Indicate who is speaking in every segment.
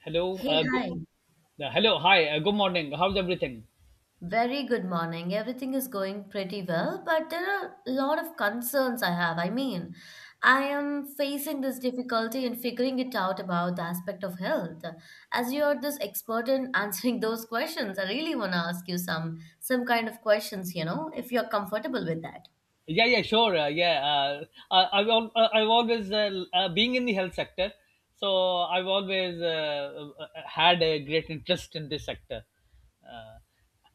Speaker 1: Hello.
Speaker 2: Hey, hi.
Speaker 1: Hello. Hi. Good morning. How's everything?
Speaker 2: Very good morning. Everything is going pretty well, but there are a lot of concerns I have. I mean, I am facing this difficulty in figuring it out about the aspect of health. As you are this expert in answering those questions, I really want to ask you some kind of questions, you know, if you're comfortable with that.
Speaker 1: Yeah. Yeah. Sure. I've always being in the health sector, so I've always had a great interest in this sector. uh,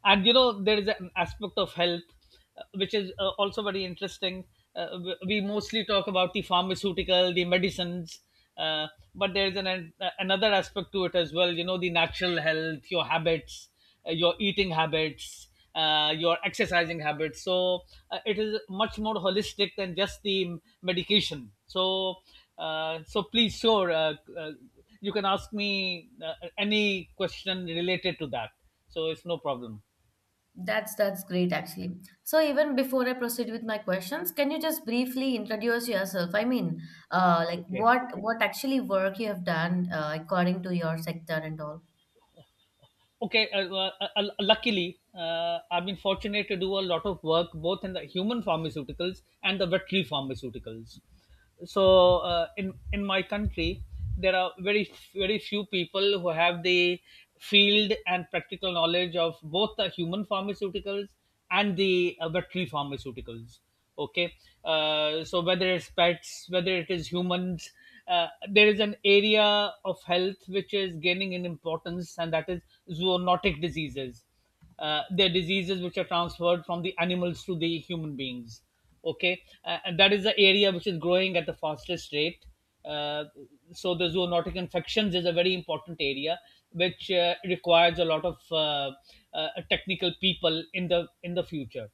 Speaker 1: and there is an aspect of health which is also very interesting. We mostly talk about the pharmaceutical, the medicines, uh, but there is an another aspect to it as well: the natural health, your habits, your eating habits, your exercising habits. It is much more holistic than just the medication. So uh, so please sure uh, uh, you can ask me any question related to that, so it's no problem.
Speaker 2: That's great actually. So even before I proceed with my questions, can you just briefly introduce yourself? I mean, like
Speaker 1: Okay.
Speaker 2: what actually work you have done according to your sector and all.
Speaker 1: Okay. Luckily, I've been fortunate to do a lot of work both in the human pharmaceuticals and the veterinary pharmaceuticals. so in my country there are very few people who have the field and practical knowledge of both the human pharmaceuticals and the veterinary pharmaceuticals. Okay, so whether it's pets, whether it is humans, there is an area of health which is gaining in importance, and that is zoonotic diseases. They're diseases which are transferred from the animals to the human beings. Okay, and that is the area which is growing at the fastest rate. uh, so the zoonotic infections is a very important area which requires a lot of technical people in the future.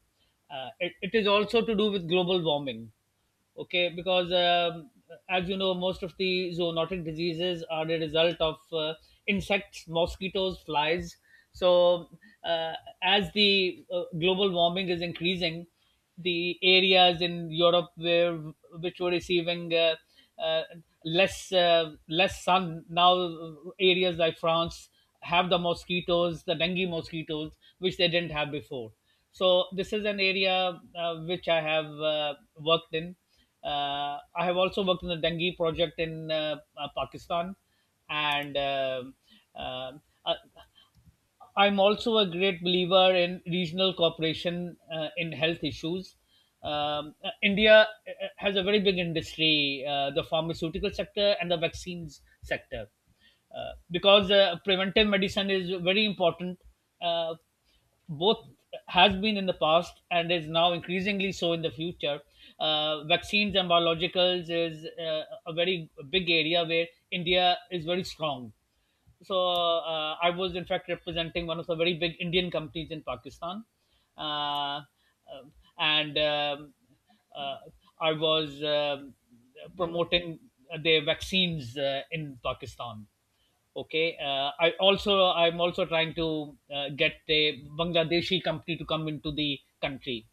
Speaker 1: It is also to do with global warming, okay, because as you know, most of the zoonotic diseases are the result of insects, mosquitoes, flies. so uh, as the global warming is increasing, the areas in Europe where which were receiving uh, less, less sun. Now areas like France have the mosquitoes, the dengue mosquitoes, which they didn't have before. So this is an area which I have worked in. I have also worked in the dengue project in Pakistan, and uh, uh, I'm also a great believer in regional cooperation in health issues. India has a very big industry, the pharmaceutical sector and the vaccines sector, because preventive medicine is very important. Uh, Both has been in the past and is now increasingly so in the future. Vaccines and biologicals is a very big area where India is very strong. so I was in fact representing one of the very big Indian companies in Pakistan, uh, um, and uh, I was promoting their vaccines in Pakistan. Okay, I'm also trying to get a Bangladeshi company to come into the country.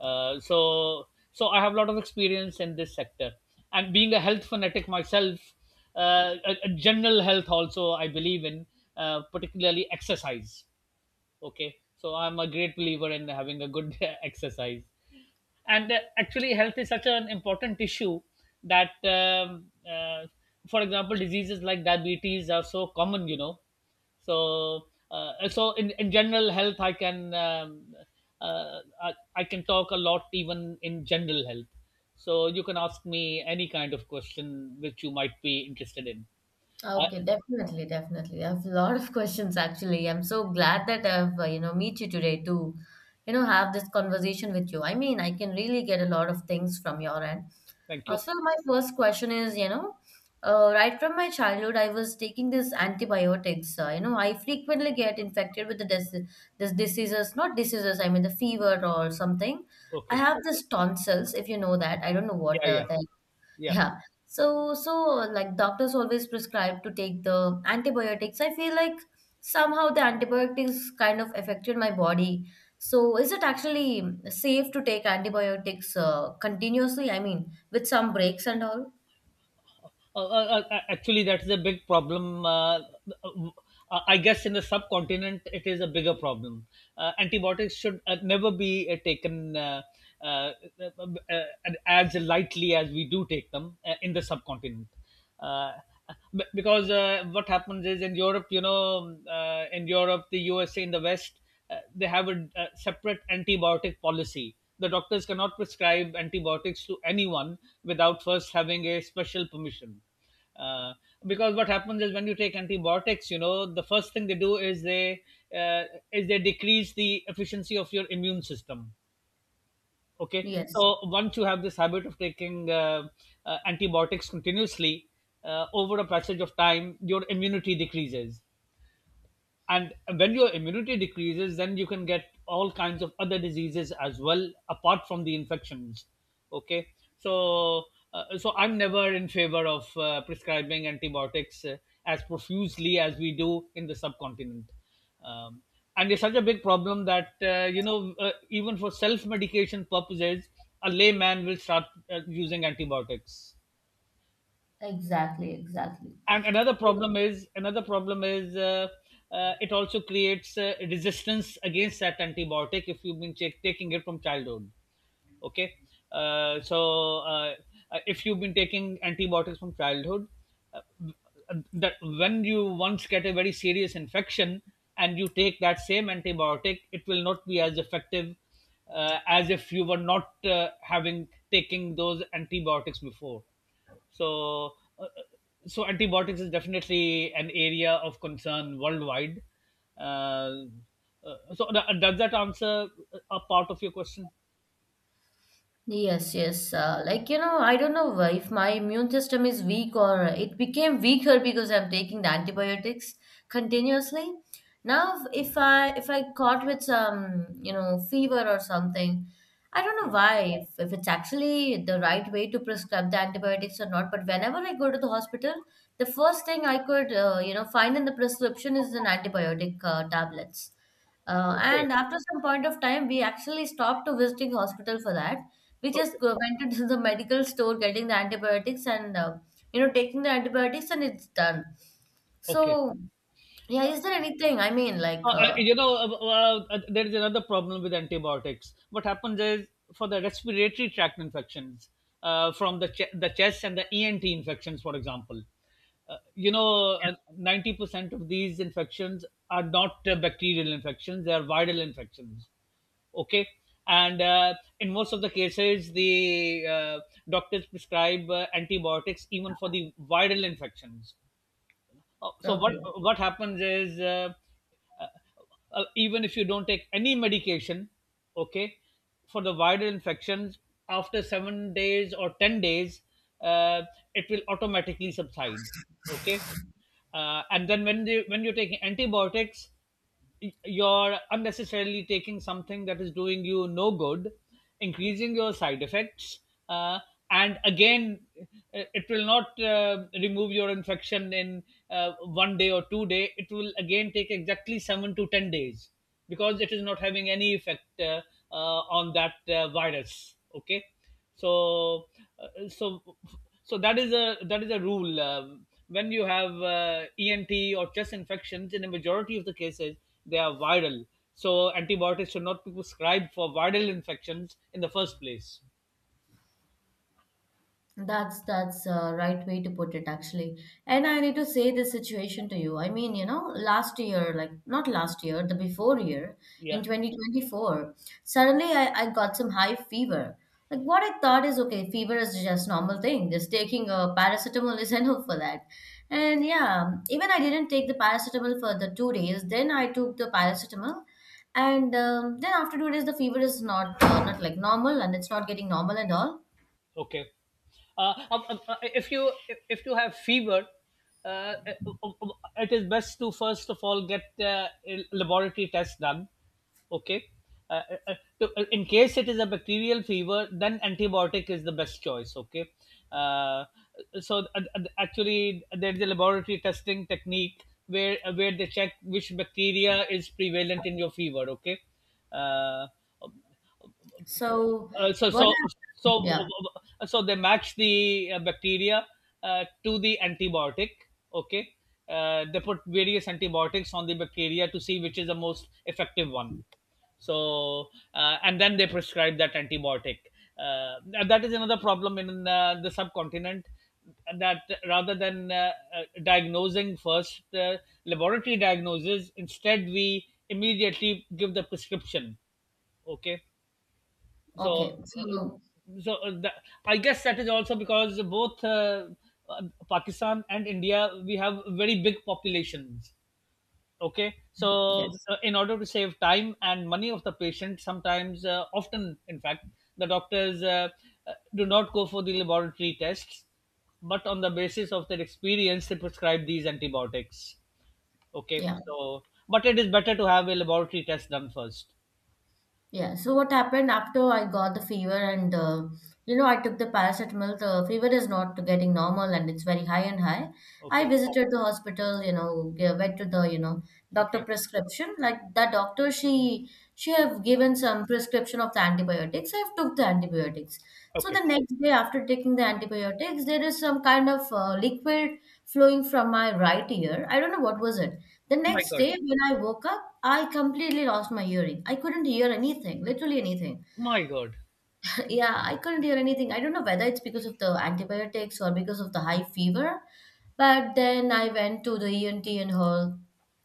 Speaker 1: So I have a lot of experience in this sector, and being a health fanatic myself, a general health also I believe in, particularly exercise. Okay, so I'm a great believer in having a good exercise. And Actually, health is such an important issue that um, uh, for example, diseases like diabetes are so common, you know. So uh, so in, in general health I can um, uh, I, I can talk a lot, even in general health, so you can ask me any kind of question which you might be interested in. I,
Speaker 2: Okay, definitely, definitely. I have a lot of questions actually. I'm so glad that I've, you know, meet you today to, you know, have this conversation with you. I mean, I can really get a lot of things from your end.
Speaker 1: Thank
Speaker 2: Uh,
Speaker 1: you.
Speaker 2: so my first question is, you know, right from my childhood, I was taking this antibiotics. You know, I frequently get infected with the dis this diseases, not diseases, I mean the fever or something. I
Speaker 1: Okay.
Speaker 2: have this tonsils, if you know that. I don't know what
Speaker 1: Yeah, yeah,
Speaker 2: that.
Speaker 1: yeah.
Speaker 2: Yeah. So, like doctors always prescribe to take the antibiotics. I feel like somehow the antibiotics kind of affected my body. So, is it actually safe to take antibiotics continuously? I mean, with some breaks and all?
Speaker 1: Actually, that's a big problem. Uh, I guess in the subcontinent, it is a bigger problem. Antibiotics should never be taken uh, as lightly as we do take them in the subcontinent, uh, because what happens is, in Europe, you know, in Europe, the USA, in the West, they have a separate antibiotic policy. The doctors cannot prescribe antibiotics to anyone without first having a special permission. Uh, because what happens is, when you take antibiotics, you know, the first thing they do is uh, they decrease the efficiency of your immune system, okay.
Speaker 2: Yes,
Speaker 1: So once you have this habit of taking antibiotics continuously over a passage of time, your immunity decreases, and when your immunity decreases, then you can get all kinds of other diseases as well apart from the infections, okay. So so I'm never in favor of prescribing antibiotics as profusely as we do in the subcontinent. Um, and it's such a big problem that you know, even for self medication purposes a layman will start using antibiotics.
Speaker 2: exactly, exactly.
Speaker 1: And another problem is Another problem is, it also creates resistance against that antibiotic if you've been taking it from childhood, okay. uh, so uh, if you've been taking antibiotics from childhood, uh, that when you once get a very serious infection and you take that same antibiotic, it will not be as effective as if you were not having taking those antibiotics before. So, uh, uh, so antibiotics is definitely an area of concern worldwide. Uh, does that answer a part of your question?
Speaker 2: Yes, yes. Like, you know, I don't know why, if my immune system is weak or it became weaker because I'm taking the antibiotics continuously. Now, if I caught with some, you know, fever or something, I don't know
Speaker 1: Yeah.
Speaker 2: why, if it's actually the right way to prescribe the antibiotics or not, but whenever I go to the hospital, the first thing I could, you know, find in the prescription is an antibiotic tablets. Uh,
Speaker 1: Okay.
Speaker 2: and after some point of time, we actually stopped to visiting hospital for that. We just
Speaker 1: Okay.
Speaker 2: go, went to the medical store getting the antibiotics and, you know, taking the antibiotics and it's done.
Speaker 1: Okay.
Speaker 2: So, yeah, is there anything, I mean, like,
Speaker 1: There is another problem with antibiotics. What happens is, for the respiratory tract infections, the chest and the ENT infections, for example, you know, 90% of these infections are not bacterial infections; they are viral infections. Okay, and in most of the cases, the doctors prescribe antibiotics even for the viral infections.
Speaker 2: okay.
Speaker 1: What happens is, uh, even if you don't take any medication, okay, for the viral infections, after 7 days or 10 days uh, it will automatically subside, okay. And then when you're taking antibiotics, you're unnecessarily taking something that is doing you no good, increasing your side effects, uh, and again, it will not remove your infection in one day or two day. It will again take exactly 7 to 10 days because it is not having any effect uh, on that virus. Okay. So uh, so so that is a rule: when you have ENT or chest infections, in a majority of the cases they are viral, so antibiotics should not be prescribed for viral infections in the first place.
Speaker 2: That's a right way to put it actually. And I need to say this situation to you. I mean, you know, last year, like not last year, the before year
Speaker 1: Yeah.
Speaker 2: in 2024, suddenly I got some high fever. Like what I thought is okay, fever is just normal thing. Just taking a paracetamol is enough for that. And yeah, even I didn't take the paracetamol for the 2 days. Then I took the paracetamol and, then after 2 days the fever is not like normal and it's not getting normal at all.
Speaker 1: Okay. If you if you have fever, uh, um, um, it is best to first of all get a laboratory test done. Okay. Uh, uh, uh, in case it is a bacterial fever, then antibiotic is the best choice. Okay. Uh, so actually, there's a laboratory testing technique where they check which bacteria is prevalent in your fever. Okay. Uh, um,
Speaker 2: So
Speaker 1: uh, so
Speaker 2: what
Speaker 1: so
Speaker 2: happened?
Speaker 1: so
Speaker 2: Yeah,
Speaker 1: so they match the bacteria to the antibiotic, okay. They put various antibiotics on the bacteria to see which is the most effective one. So uh, and then they prescribe that antibiotic. And that is another problem in the subcontinent: that rather than diagnosing first, laboratory diagnosis, instead we immediately give the prescription, okay. so
Speaker 2: okay.
Speaker 1: uh,
Speaker 2: So
Speaker 1: so uh, that, I guess that is also because both uh, Pakistan and India, we have very big populations, okay. So
Speaker 2: yes,
Speaker 1: in order to save time and money of the patient, sometimes, often in fact, the doctors do not go for the laboratory tests, but on the basis of their experience they prescribe these antibiotics, okay.
Speaker 2: yeah,
Speaker 1: So but it is better to have a laboratory test done first.
Speaker 2: yeah. So what happened after I got the fever and, you know, I took the paracetamol. The fever is not getting normal and it's very high and high. I
Speaker 1: Okay.
Speaker 2: visited the hospital. You know, g- went to the, you know, doctor
Speaker 1: Okay.
Speaker 2: prescription. Like that doctor, she have given some prescription of the antibiotics. I've took the antibiotics. So the
Speaker 1: Okay.
Speaker 2: next day after taking the antibiotics, there is some kind of liquid flowing from my right ear. I don't know what was it. The
Speaker 1: My
Speaker 2: next
Speaker 1: God.
Speaker 2: day when I woke up, I completely lost my hearing. I couldn't hear anything, literally anything.
Speaker 1: My God.
Speaker 2: Yeah, I couldn't hear anything. I don't know whether it's because of the antibiotics or because of the high fever. But then I went to the ENT and her,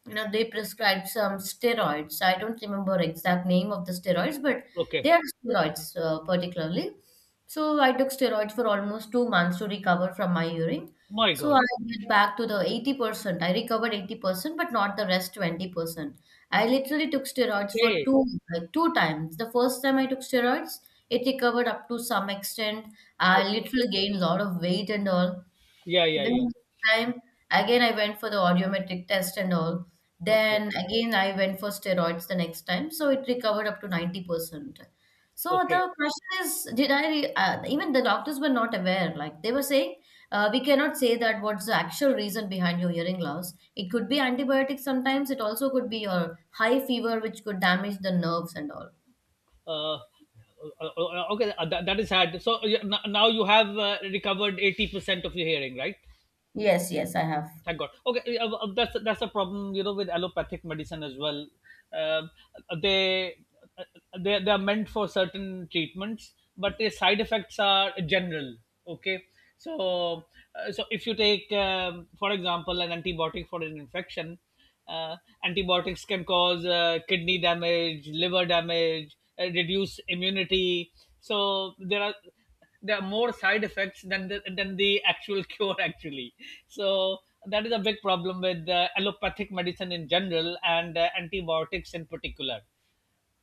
Speaker 2: you know, they prescribed some steroids. I don't remember exact name of the steroids, but
Speaker 1: Okay.
Speaker 2: they are steroids particularly. So I took steroids for almost 2 months to recover from my urine.
Speaker 1: My
Speaker 2: So
Speaker 1: God.
Speaker 2: I get back to the 80%. I recovered 80%, but not the rest 20%. I literally took steroids for
Speaker 1: Okay.
Speaker 2: two like two times. The first time I took steroids, it recovered up to some extent. I
Speaker 1: Okay.
Speaker 2: literally gained a lot of weight and all.
Speaker 1: Yeah, yeah, yeah.
Speaker 2: Then time again I went for the audiometric test and all.
Speaker 1: Okay.
Speaker 2: Then again I went for steroids the next time. So it recovered up to 90%. So
Speaker 1: Okay.
Speaker 2: the question is, even the doctors were not aware. Like they were saying, we cannot say that what's the actual reason behind your hearing loss. It could be antibiotics sometimes. It also could be your high fever, which could damage the nerves and all.
Speaker 1: Uh, uh, okay. That is sad. So, yeah, now you have recovered 80% of your hearing, right?
Speaker 2: Yes, yes, I have.
Speaker 1: Thank God. Okay, that's a problem, you know, with allopathic medicine as well. Um they uh, they are meant for certain treatments, but their side effects are general. Okay, so so if you take, for example, an antibiotic for an infection, uh, antibiotics can cause kidney damage, liver damage, reduce immunity. So there are more side effects than the actual cure actually, so that is a big problem with allopathic medicine in general and antibiotics in particular.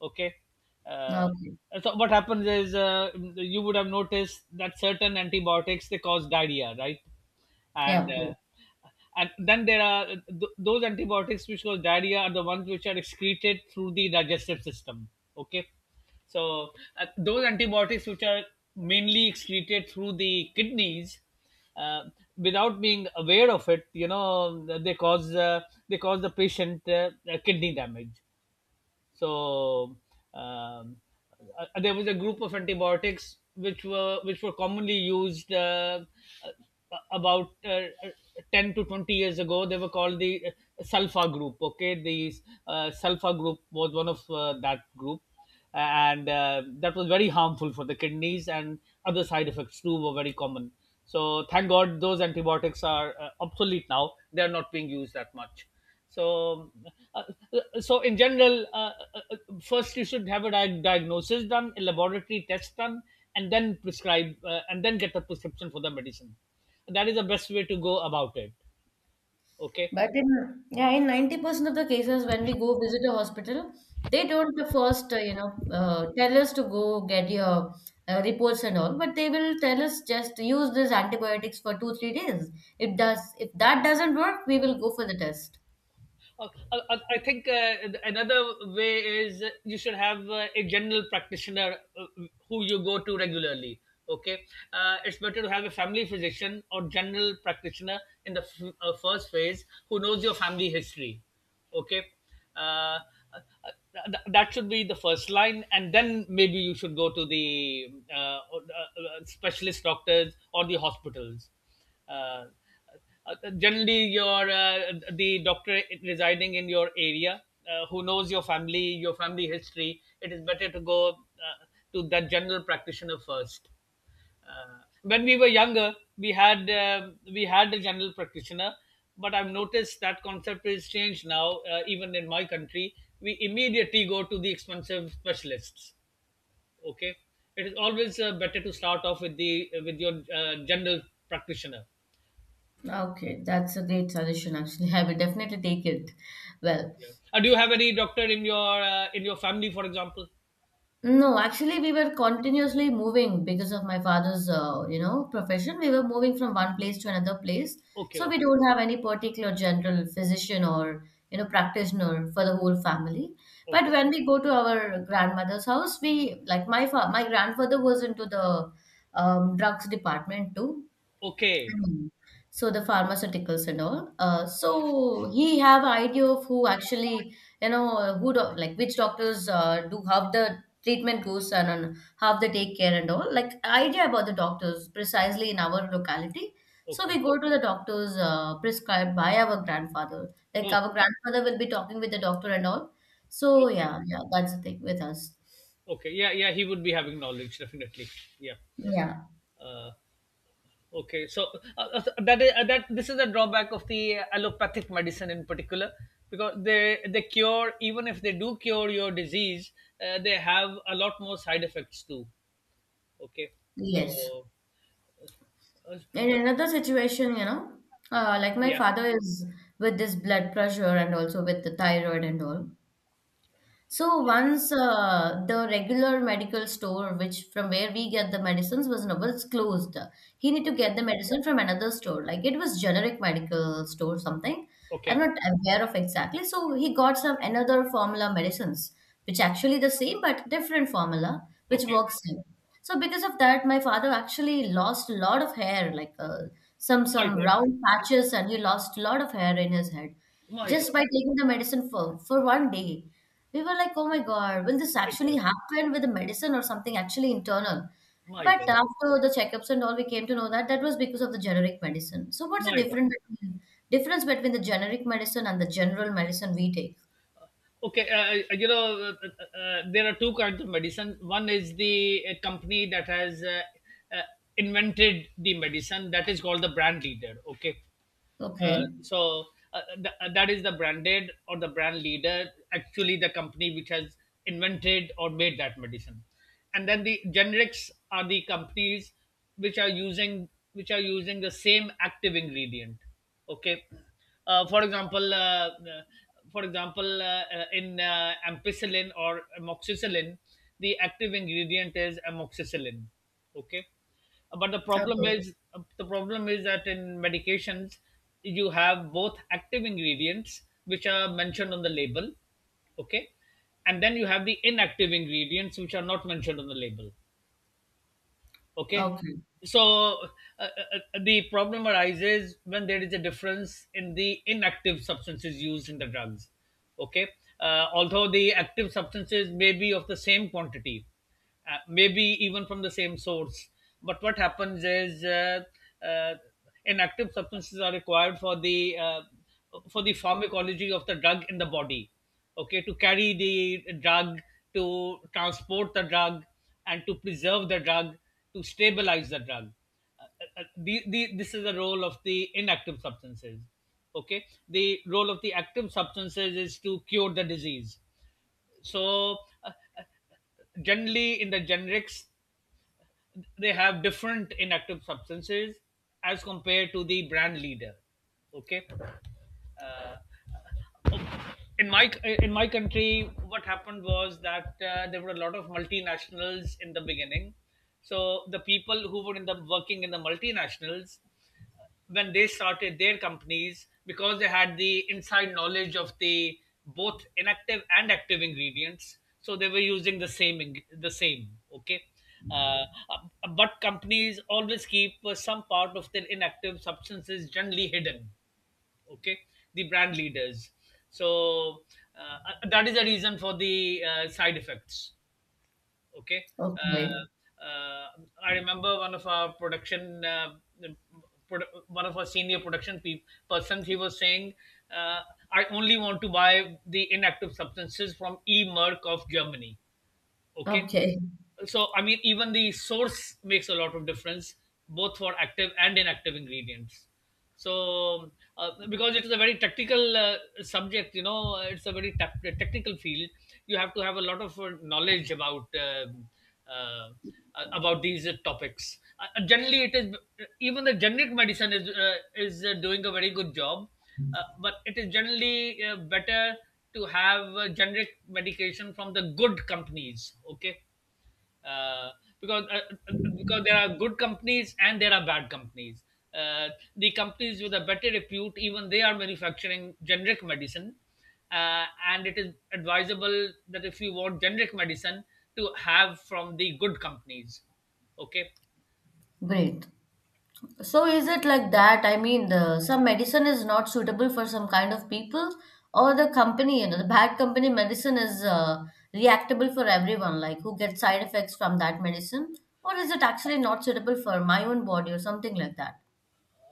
Speaker 1: Okay. uh,
Speaker 2: Okay.
Speaker 1: so what happens is, you would have noticed that certain antibiotics they cause diarrhea, right? and
Speaker 2: Yeah,
Speaker 1: uh,
Speaker 2: yep.
Speaker 1: and then there are those antibiotics which cause diarrhea are the ones which are excreted through the digestive system. Okay. So those antibiotics which are mainly excreted through the kidneys, uh, without being aware of it, you know they cause the patient kidney damage. So um, there was a group of antibiotics which were commonly used about 10 to 20 years ago. They were called the sulfa group. Okay, the sulfa group was one of that group, and that was very harmful for the kidneys, and other side effects too were very common. So thank God those antibiotics are obsolete now, they are not being used that much. So uh, so in general, first you should have a diagnosis done, a laboratory test done, and then get a prescription for the medicine. That is the best way to go about it. Okay.
Speaker 2: But in yeah, in 90% of the cases, when we go visit a hospital, they don't the first, you know, tell us to go get your reports and all, but they will tell us just use these antibiotics for 2 3 days. It does if that doesn't work, we will go for the test.
Speaker 1: I think another way is you should have a general practitioner who you go to regularly. Okay, it's better to have a family physician or general practitioner in the first phase, who knows your family history. Okay. uh, that should be the first line, and then maybe you should go to the specialist doctors or the hospitals. uh, Generally your the doctor residing in your area, who knows your family, your family history, it is better to go to that general practitioner first. When we were younger, we had a general practitioner, but I've noticed that concept is changed now. Even in my country, we immediately go to the expensive specialists. Okay, it is always better to start off with the with your general practitioner.
Speaker 2: Okay, that's a great suggestion actually. I will definitely take it. Well,
Speaker 1: Yeah. Do you have any doctor in your family, for example?
Speaker 2: no, actually, we were continuously moving because of my father's, you know, profession. We were moving from one place to another place,
Speaker 1: Okay,
Speaker 2: so
Speaker 1: okay,
Speaker 2: we don't have any particular general physician or, you know, practitioner for the whole family. But
Speaker 1: okay,
Speaker 2: when we go to our grandmother's house, we like my grandfather was into the, drugs department too.
Speaker 1: okay,
Speaker 2: Mm. So the pharmaceuticals and all. So he have idea of who actually, you know, who do, like which doctors do how the treatment goes, and how they take care and all. Like idea about the doctors precisely in our locality. So we
Speaker 1: okay,
Speaker 2: go to the doctors prescribed by our grandfather. Like our
Speaker 1: okay,
Speaker 2: grandfather will be talking with the doctor and all. So yeah, yeah, that's the thing with us.
Speaker 1: okay. Yeah, yeah, he would be having knowledge definitely. Yeah.
Speaker 2: Yeah.
Speaker 1: Uh, okay, so that is that this is the drawback of the allopathic medicine in particular, because they cure, even if they do cure your disease, they have a lot more side effects too. Okay, so
Speaker 2: Yes.
Speaker 1: uh,
Speaker 2: In another situation, you know, like my
Speaker 1: yeah,
Speaker 2: father is with this blood pressure and also with the thyroid and all. So once the regular medical store, which from where we get the medicines, was no- was closed. He need to
Speaker 1: okay,
Speaker 2: get the medicine from another store. Like it was generic medical store something. I'm
Speaker 1: okay,
Speaker 2: not aware of exactly. So he got some another formula medicines, which actually the same but different formula, which
Speaker 1: okay.
Speaker 2: works him. So because of that, my father actually lost a lot of hair, like, some
Speaker 1: My
Speaker 2: some
Speaker 1: God,
Speaker 2: round patches, and he lost a lot of hair in his head
Speaker 1: my God,
Speaker 2: just by taking the medicine for one day. We were like, oh my God, will this
Speaker 1: my
Speaker 2: actually
Speaker 1: God,
Speaker 2: happen with the medicine or something actually internal?
Speaker 1: my
Speaker 2: But
Speaker 1: God,
Speaker 2: after the checkups and all, we came to know that that was because of the generic medicine. So what's the
Speaker 1: my God.
Speaker 2: difference between the generic medicine and the general medicine we take?
Speaker 1: Okay, you know, there are two kinds of medicine. One is the company that has uh, invented the medicine, that is called the brand leader. Okay,
Speaker 2: Okay.
Speaker 1: so that is the branded or the brand leader, actually the company which has invented or made that medicine. And then the generics are the companies which are using the same active ingredient. Okay, for example, in ampicillin or amoxicillin, the active ingredient is amoxicillin. Okay, but
Speaker 2: Okay.
Speaker 1: the problem is that in medications you have both active ingredients which are mentioned on the label. Okay. And then you have the inactive ingredients which are not mentioned on the label. Okay.
Speaker 2: Okay.
Speaker 1: So uh, the problem arises when there is a difference in the inactive substances used in the drugs. Okay. Although the active substances may be of the same quantity, maybe even from the same source, but what happens is uh, inactive substances are required for the pharmacology of the drug in the body. Okay, to carry the drug, to transport the drug, and to preserve the drug, to stabilize the drug. This is the role of the inactive substances. Okay, the role of the active substances is to cure the disease. So, uh, uh, generally in the generics, they have different inactive substances as compared to the brand leader. Okay, uh, in my in my country, what happened was that there were a lot of multinationals in the beginning. So the people who were in the working in the multinationals, when they started their companies, because they had the inside knowledge of the both inactive and active ingredients, so they were using the same the same. Okay. Uh, but companies always keep some part of their inactive substances generally hidden. Okay, the brand leaders. So that is the reason for the side effects. Okay.
Speaker 2: Okay.
Speaker 1: uh, uh, I remember one of our production one of our senior production persons, he was saying, uh, I only want to buy the inactive substances from E Merck of Germany. Okay.
Speaker 2: Okay.
Speaker 1: So I mean, even the source makes a lot of difference, both for active and inactive ingredients. So because it is a very technical subject, you know, it's a very technical field. You have to have a lot of knowledge uh, about these topics. Generally it is, even the generic medicine is doing a very good job, but it is generally better to have generic medication from the good companies. Okay, uh, because uh, because there are good companies and there are bad companies. Uh, the companies with a better repute, even they are manufacturing generic medicine, and it is advisable that if you want generic medicine to have from the good companies. Okay.
Speaker 2: Great. So is it like that? I mean, some medicine is not suitable for some kind of people, or the company, you know, the bad company medicine is, reactable for everyone, like who gets side effects from that medicine, or is it actually not suitable for my own body or something like that?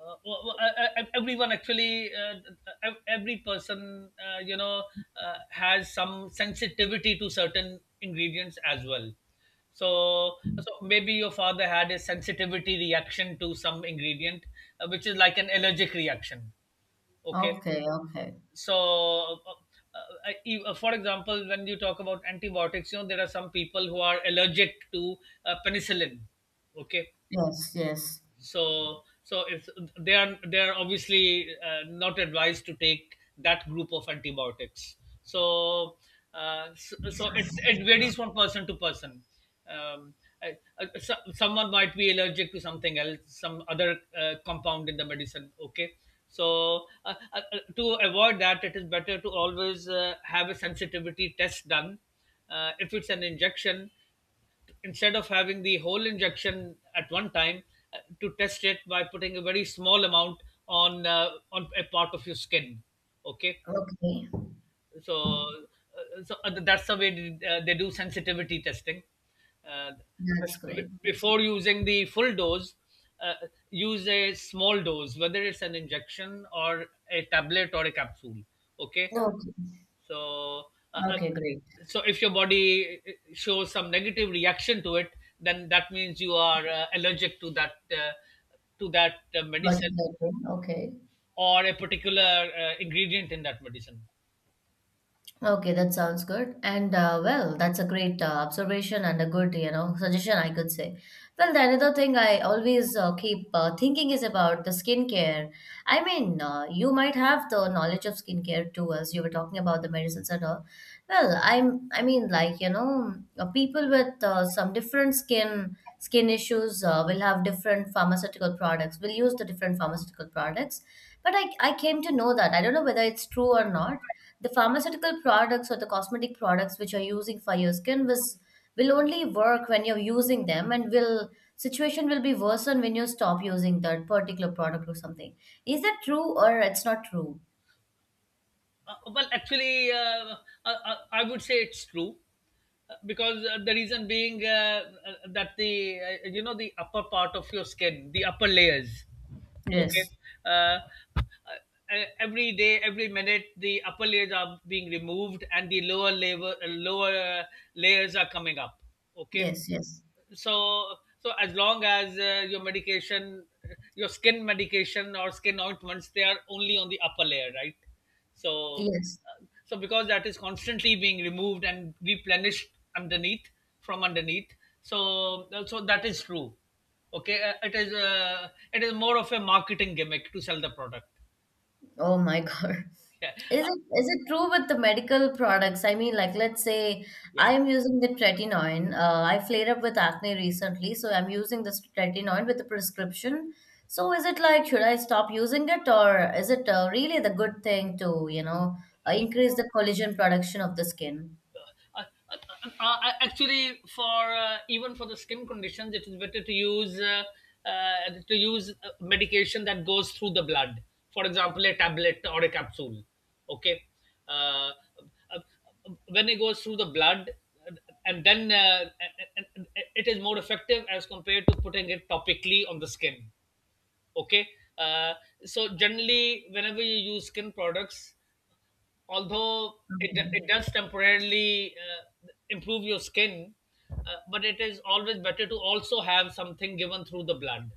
Speaker 1: Well, well, everyone actually, every person, you know, has some sensitivity to certain ingredients as well. So, so maybe your father had a sensitivity reaction to some ingredient, which is like an allergic reaction. Okay,
Speaker 2: Okay, okay.
Speaker 1: so for example, when you talk about antibiotics, you know, there are some people who are allergic to penicillin. Okay.
Speaker 2: Yes, yes.
Speaker 1: So so if they are, they are obviously not advised to take that group of antibiotics. So so, so it varies from person to person. um, so, someone might be allergic to something else, some other compound in the medicine. Okay. So to avoid that, it is better to always have a sensitivity test done. If it's an injection, instead of having the whole injection at one time, to test it by putting a very small amount on a part of your skin. Okay.
Speaker 2: Okay.
Speaker 1: So that's the way they do sensitivity testing. Uh,
Speaker 2: That's great. That's
Speaker 1: before using the full dose, uh, use a small dose, whether it's an injection or a tablet or a capsule. Okay.
Speaker 2: okay.
Speaker 1: So, uh,
Speaker 2: Okay, great.
Speaker 1: uh, so if your body shows some negative reaction to it, then that means you are allergic to that
Speaker 2: Got it,
Speaker 1: medicine,
Speaker 2: got it. Okay.
Speaker 1: or a particular ingredient in that medicine.
Speaker 2: Okay, that sounds good. And, well, that's a great observation and a good, you know, suggestion I could say. Well, the another thing I always keep thinking is about the skincare. I mean, you might have the knowledge of skincare too, as you were talking about the medicines and all. Well, I mean, like, you know, people with some different skin issues will have different pharmaceutical products. Will use the different pharmaceutical products. But I came to know that. I don't know whether it's true or not, the pharmaceutical products or the cosmetic products which you're using for your skin was will only work when you're using them, and will situation will be worsened when you stop using that particular product or something. Is that true or it's not true?
Speaker 1: Well, actually, I, I I would say it's true, because the reason being, that the you know, the upper part of your skin, the upper layers, okay.
Speaker 2: Yes,
Speaker 1: Uh, every day, every minute, the upper layers are being removed, and the lower layer, lower layers are coming up. Okay,
Speaker 2: yes, yes.
Speaker 1: so so as long as your medication, your skin medication or skin ointments, they are only on the upper layer, right? So
Speaker 2: Yes.
Speaker 1: so because that is constantly being removed and replenished underneath, from underneath. So so that is true. Okay, it is more of a marketing gimmick to sell the product.
Speaker 2: Oh my God.
Speaker 1: Yeah.
Speaker 2: Is
Speaker 1: Uh,
Speaker 2: it is it true with the medical products? I mean, like let's say
Speaker 1: yeah
Speaker 2: I'm using the tretinoin. I flared up with acne recently, so I'm using this tretinoin with the prescription. So is it like should I stop using it, or is it really the good thing to, you know, increase the collagen production of the skin?
Speaker 1: uh, Actually for even for the skin conditions, it is better to use medication that goes through the blood, for example a tablet or a capsule. Okay. uh, uh, when it goes through the blood, uh, and then it is more effective as compared to putting it topically on the skin. Okay. uh, so generally whenever you use skin products, although it, it
Speaker 2: Okay,
Speaker 1: does temporarily improve your skin, uh, but it is always better to also have something given through the blood,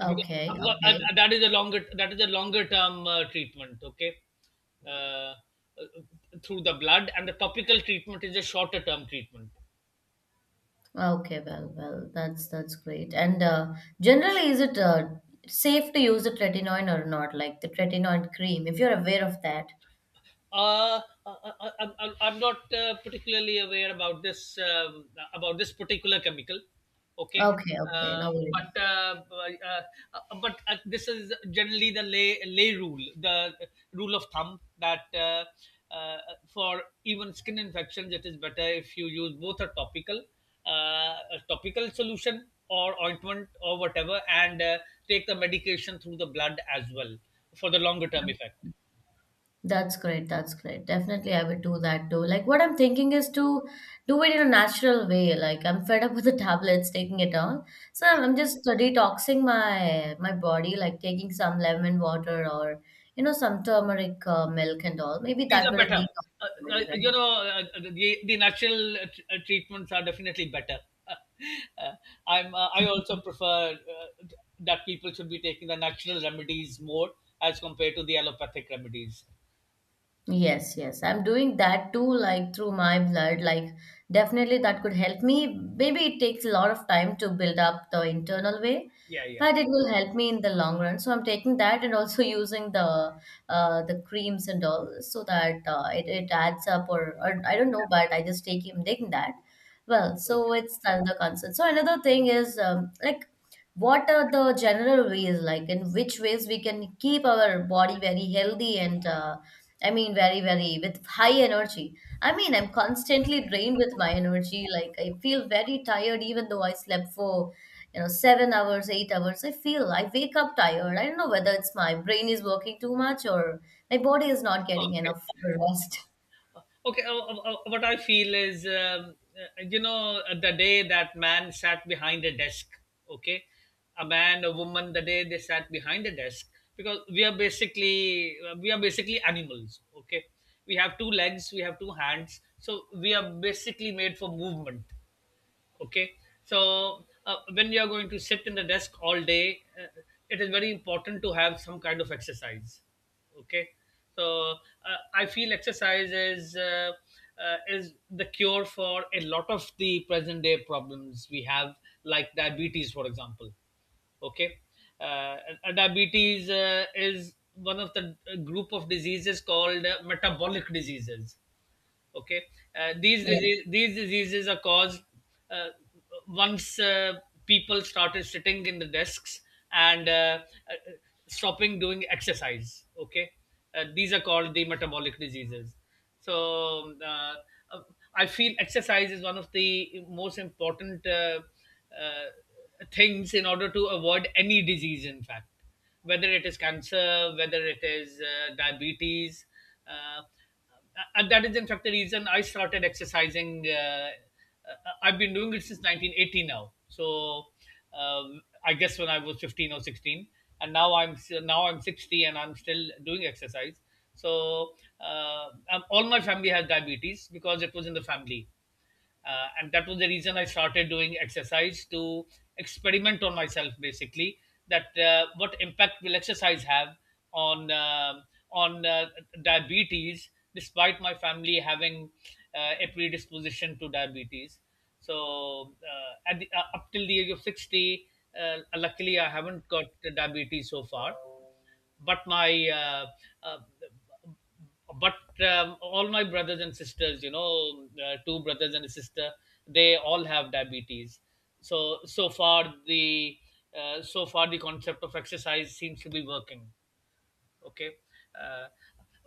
Speaker 1: because,
Speaker 2: okay,
Speaker 1: because
Speaker 2: okay.
Speaker 1: that is a longer, that is a longer term treatment. Okay. uh, uh, Through the blood, and the topical treatment is a shorter term treatment.
Speaker 2: Okay, Well, that's great. And, generally, is it safe to use the tretinoin or not? Like the tretinoin cream, if you're aware of that.
Speaker 1: Uh, I, I'm not particularly aware about this particular chemical. Okay,
Speaker 2: Okay, okay,
Speaker 1: uh,
Speaker 2: no worries.
Speaker 1: but uh, uh, but this is generally the lay rule, the rule of thumb that uh, for even skin infections, it is better if you use both uh, a topical solution or ointment or whatever, and take the medication through the blood as well, for the longer term effect.
Speaker 2: That's great. That's great. Definitely, I would do that too. Like, what I'm thinking is to do it in a natural way. Like, I'm fed up with the tablets, taking it all. So
Speaker 1: Yeah.
Speaker 2: I'm just detoxing my body, like taking some lemon water or you know some turmeric milk and all. Maybe
Speaker 1: These
Speaker 2: that
Speaker 1: are
Speaker 2: will
Speaker 1: better.
Speaker 2: detox the body,
Speaker 1: You
Speaker 2: right?
Speaker 1: know, the natural treatments are definitely better. Uh, I also prefer that people should be taking the natural remedies more as compared to the allopathic remedies.
Speaker 2: Yes, yes. I'm doing that too, like through my blood. Like, definitely that could help me. Maybe it takes a lot of time to build up the internal way,
Speaker 1: Yeah, yeah,
Speaker 2: but it will help me in the long run. So I'm taking that and also using the creams and all so that it adds up or,
Speaker 1: yeah.
Speaker 2: or I don't know, but I just take him taking that. Well, so
Speaker 1: Okay.
Speaker 2: it's another concern. So another thing is like what are the general ways like in which ways we can keep our body very healthy and I mean, very, very with high energy. I mean, I'm constantly drained with my energy. Like I feel very tired, even though I slept for, you know, 7 hours, 8 hours. I feel I wake up tired. I don't know whether it's my brain is working too much or my body is not getting
Speaker 1: Okay.
Speaker 2: enough rest.
Speaker 1: Okay, what I feel is, the day that man sat behind a desk, okay, a man, a woman, the day they sat behind a desk, because we are basically animals, okay. We have two legs, we have two hands, so we are basically made for movement. Okay. So when you are going to sit in the desk all day, it is very important to have some kind of exercise. Okay. So I feel exercise is the cure for a lot of the present day problems we have, like diabetes for example. Okay. uh, and diabetes is one of the group of diseases called metabolic diseases. Okay. uh, these
Speaker 2: Yes,
Speaker 1: disease, these diseases are caused uh, once people started sitting in the desks and uh, stopping doing exercise. Okay. These are called the metabolic diseases. So uh, I feel exercise is one of the most important uh, things in order to avoid any disease, in fact, whether it is cancer, whether it is diabetes. Uh, uh, and that is in fact the reason I started exercising. I've been doing it since 1980 now. So I guess when I was 15 or 16, and now I'm 60 and I'm still doing exercise. So all my family has diabetes because it was in the family. And that was the reason I started doing exercise, to experiment on myself basically, that what impact will exercise have on uh, on diabetes, despite my family having a predisposition to diabetes. So up till the age of 60, luckily I haven't got diabetes so far, but my uh, but all my brothers and sisters, you know, two brothers and a sister, they all have diabetes. So so far the concept of exercise seems to be working. Okay. uh,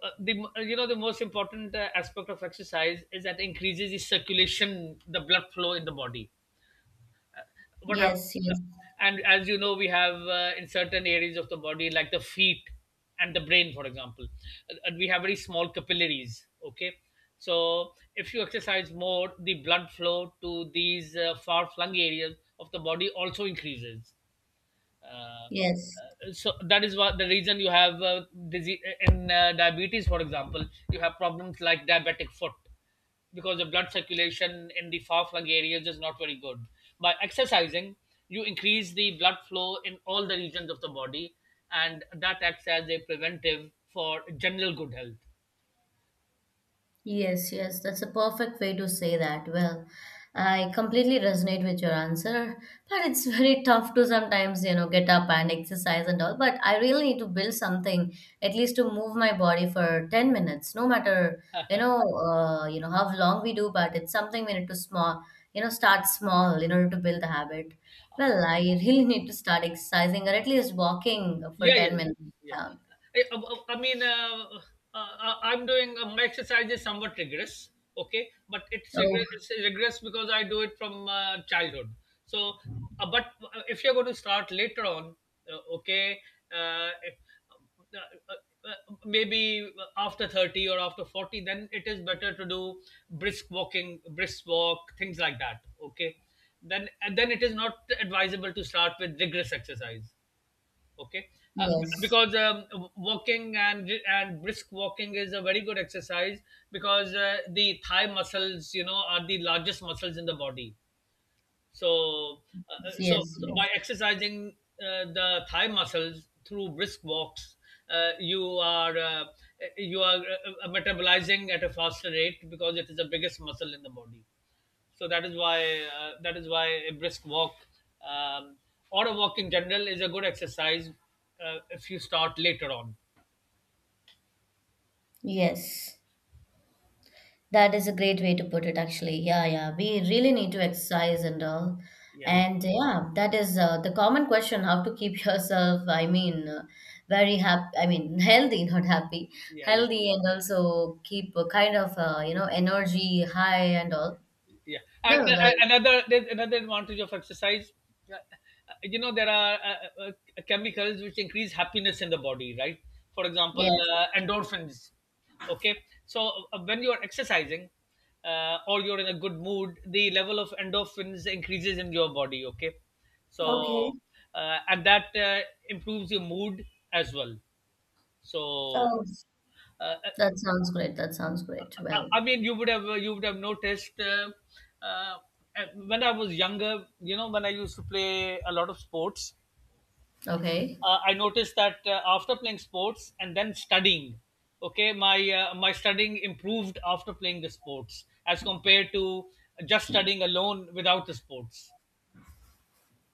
Speaker 1: uh, the you know the most important aspect of exercise is that increases the circulation, the blood flow in the body. What happens,
Speaker 2: yes, yes,
Speaker 1: and as you know, we have in certain areas of the body like the feet and the brain for example, we have very small capillaries. Okay. So if you exercise more, the blood flow to these far flung areas of the body also increases. uh,
Speaker 2: yes.
Speaker 1: uh, so that is what the reason you have disease in, diabetes for example, you have problems like diabetic foot, because the blood circulation in the far flung areas is not very good. By exercising, you increase the blood flow in all the regions of the body, and that acts as a preventive for general good health.
Speaker 2: Yes, yes, that's a perfect way to say that. Well, I completely resonate with your answer, but it's very tough to sometimes, you know, get up and exercise and all. But I really need to build something, at least to move my body for 10 minutes, no matter, you know, how long we do, but it's something we need to small, you know, start small in order to build the habit. Well, I really need to start exercising or at least walking for
Speaker 1: Yeah, yeah,
Speaker 2: 10
Speaker 1: yeah,
Speaker 2: minutes
Speaker 1: yeah.
Speaker 2: down.
Speaker 1: I mean, I'm doing my exercise is somewhat rigorous, okay, but it's
Speaker 2: Oh,
Speaker 1: rigorous, it's regress, because I do it from childhood. So, but if you're going to start later on, okay, if, maybe after 30 or after 40, then it is better to do brisk walking, brisk walk, things like that, okay. Then it is not advisable to start with rigorous exercise. Okay. uh,
Speaker 2: yes,
Speaker 1: because walking and brisk walking is a very good exercise, because the thigh muscles, you know, are the largest muscles in the body. So uh, uh, so
Speaker 2: yes,
Speaker 1: so
Speaker 2: yes,
Speaker 1: by exercising the thigh muscles through brisk walks, uh, you are uh, you are metabolizing at a faster rate because it is the biggest muscle in the body. So that is why a brisk walk, um, or a walk in general, is a good exercise if you start later on.
Speaker 2: yes. That is a great way to put it, actually. Yeah, yeah. We really need to exercise and all.
Speaker 1: Yeah,
Speaker 2: And yeah, that is the common question how to keep yourself, I mean, very happy, I mean, healthy, not happy,
Speaker 1: yeah, yeah,
Speaker 2: healthy, and also keep a kind of, you know, energy high and all.
Speaker 1: yeah. And
Speaker 2: Well, well,
Speaker 1: another there's another advantage of exercise. Uh, you know, there are chemicals which increase happiness in the body, right? For example,
Speaker 2: yes.
Speaker 1: endorphins. Okay. So when you are exercising, or you're in a good mood, the level of endorphins increases in your body. Okay. so
Speaker 2: Okay.
Speaker 1: uh, and that improves your mood as well. So
Speaker 2: Oh,
Speaker 1: uh, uh,
Speaker 2: that sounds great. That sounds great. Well,
Speaker 1: I mean, you would have noticed, uh, when I was younger. You know, when I used to play a lot of sports,
Speaker 2: okay.
Speaker 1: I noticed that after playing sports and then studying, okay, my studying improved after playing the sports as compared to just studying alone without the sports.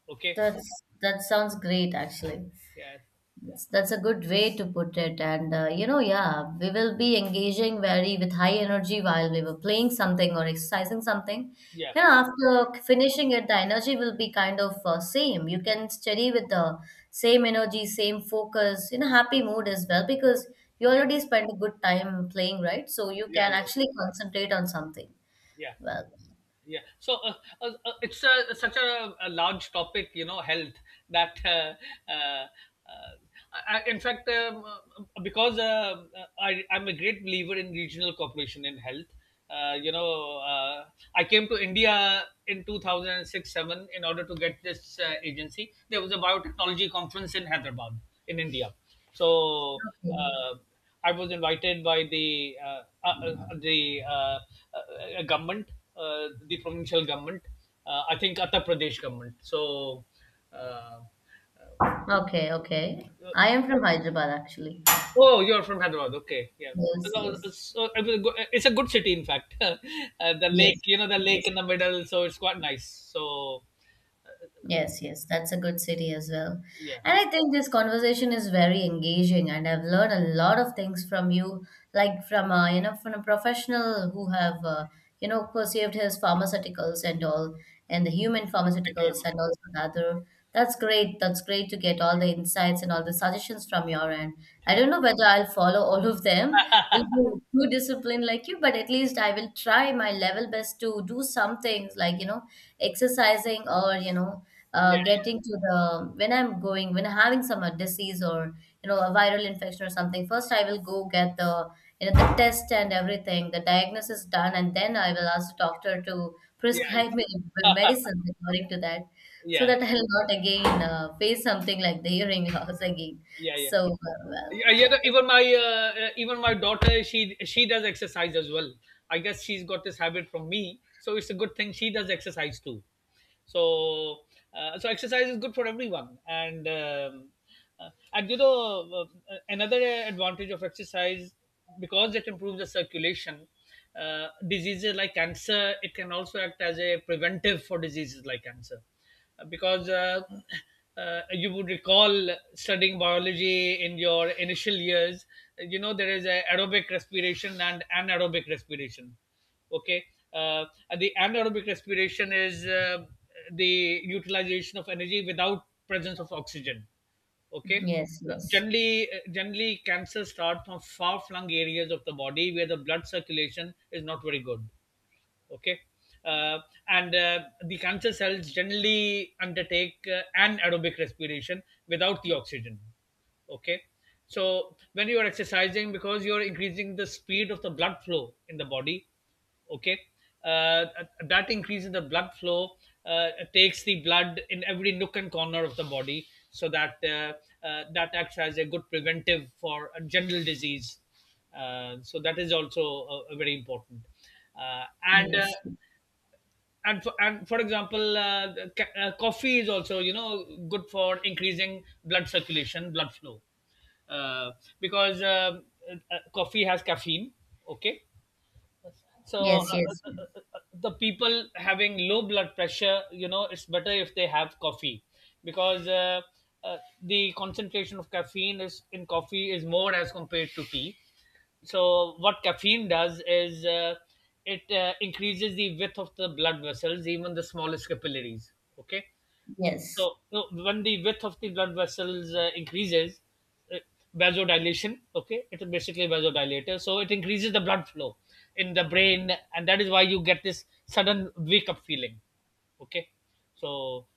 Speaker 1: Okay.
Speaker 2: That's that sounds great, actually.
Speaker 1: Yeah,
Speaker 2: Yes, that's a good way to put it. And you know, yeah, we will be engaging very with high energy while we were playing something or exercising something.
Speaker 1: yeah,
Speaker 2: You know, after finishing it, the energy will be kind of same. You can study with the same energy, same focus, You know, happy mood as well because you already spent a good time playing, right? So you
Speaker 1: yeah,
Speaker 2: can
Speaker 1: yeah,
Speaker 2: actually concentrate on something.
Speaker 1: yeah.
Speaker 2: Well,
Speaker 1: Yeah. so such a large topic, you know, health, that, uh, uh, in fact, I'm a great believer in regional cooperation in health. You know, I came to India in 2006-7 in order to get this agency. There was a biotechnology conference in Hyderabad, in India. So.
Speaker 2: okay,
Speaker 1: Uh, I was invited by the government, the provincial government. I think Uttar Pradesh government. So, uh,
Speaker 2: okay, okay.
Speaker 1: uh,
Speaker 2: I am from Hyderabad, actually.
Speaker 1: oh, you're from Hyderabad. Okay, yeah.
Speaker 2: Yes,
Speaker 1: So,
Speaker 2: yes,
Speaker 1: so it's a good city, in fact. The lake,
Speaker 2: yes,
Speaker 1: you know, the lake
Speaker 2: yes.
Speaker 1: in the middle, so it's quite nice. So,
Speaker 2: Yes, yes, that's a good city as well.
Speaker 1: yeah.
Speaker 2: And I think this conversation is very engaging, and I've learned a lot of things from you, like from a, you know, from a professional who have, you know, perceived his pharmaceuticals and all, and the human
Speaker 1: Thank you very
Speaker 2: pharmaceuticals
Speaker 1: much.
Speaker 2: and also the other. That's great. That's great to get all the insights and all the suggestions from your end. I
Speaker 1: Thank.
Speaker 2: don't know whether I'll follow all of them. Will be too disciplined like you, but at least I will try my level best to do some things like, you know, exercising or, you know,
Speaker 1: Yeah,
Speaker 2: getting to the when I'm having some disease or you know a viral infection or something, first I will go get the you know the test and everything. The diagnosis done, and then I will ask the doctor to
Speaker 1: yeah, yeah,
Speaker 2: prescribe me the medicines according to that, so
Speaker 1: yeah, yeah,
Speaker 2: that I'll not again face something like the hearing loss again.
Speaker 1: yeah. Yeah.
Speaker 2: So well,
Speaker 1: Yeah, yeah, even my daughter, she does exercise as well. I guess she's got this habit from me, so it's a good thing she does exercise too. So so exercise is good for everyone, and you know, another advantage of exercise, because it improves the circulation. Diseases like cancer, it can also act as a preventive for diseases like cancer, because you would recall studying biology in your initial years, you know, there is a aerobic respiration and anaerobic respiration. Okay. Uh, and the anaerobic respiration is, the utilization of energy without presence of oxygen. Okay.
Speaker 2: yes,
Speaker 1: Uh,
Speaker 2: yes,
Speaker 1: generally uh, generally cancer starts from far flung areas of the body where the blood circulation is not very good. Okay. Uh, and uh, the cancer cells generally undertake an aerobic respiration without the oxygen. Okay. So when you are exercising, because you're increasing the speed of the blood flow in the body, okay, uh, that increase in the blood flow takes the blood in every nook and corner of the body, so that that acts as a good preventive for a general disease. So that is also very important. uh, and uh,
Speaker 2: yes,
Speaker 1: and for, and for example, coffee is also, you know, good for increasing blood circulation, blood flow, uh, because coffee has caffeine. Okay. So
Speaker 2: yes, yes,
Speaker 1: the people having low blood pressure, you know, it's better if they have coffee, because the concentration of caffeine is in coffee is more as compared to tea. So what caffeine does is, it increases the width of the blood vessels, even the smallest capillaries. Okay.
Speaker 2: yes.
Speaker 1: So you know, when the width of the blood vessels increases, uh, vasodilation. Okay, it's basically a vasodilator. So it increases the blood flow in the brain, and that is why you get this sudden wake up feeling. Okay. so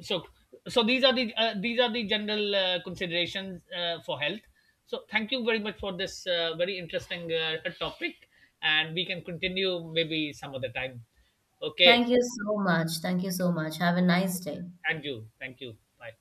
Speaker 1: so so these are the general considerations for health. So thank you very much for this very interesting topic, and we can continue maybe some other time. Okay,
Speaker 2: Thank you so much. Thank you so much. Have a nice day.
Speaker 1: and you, thank you. Bye.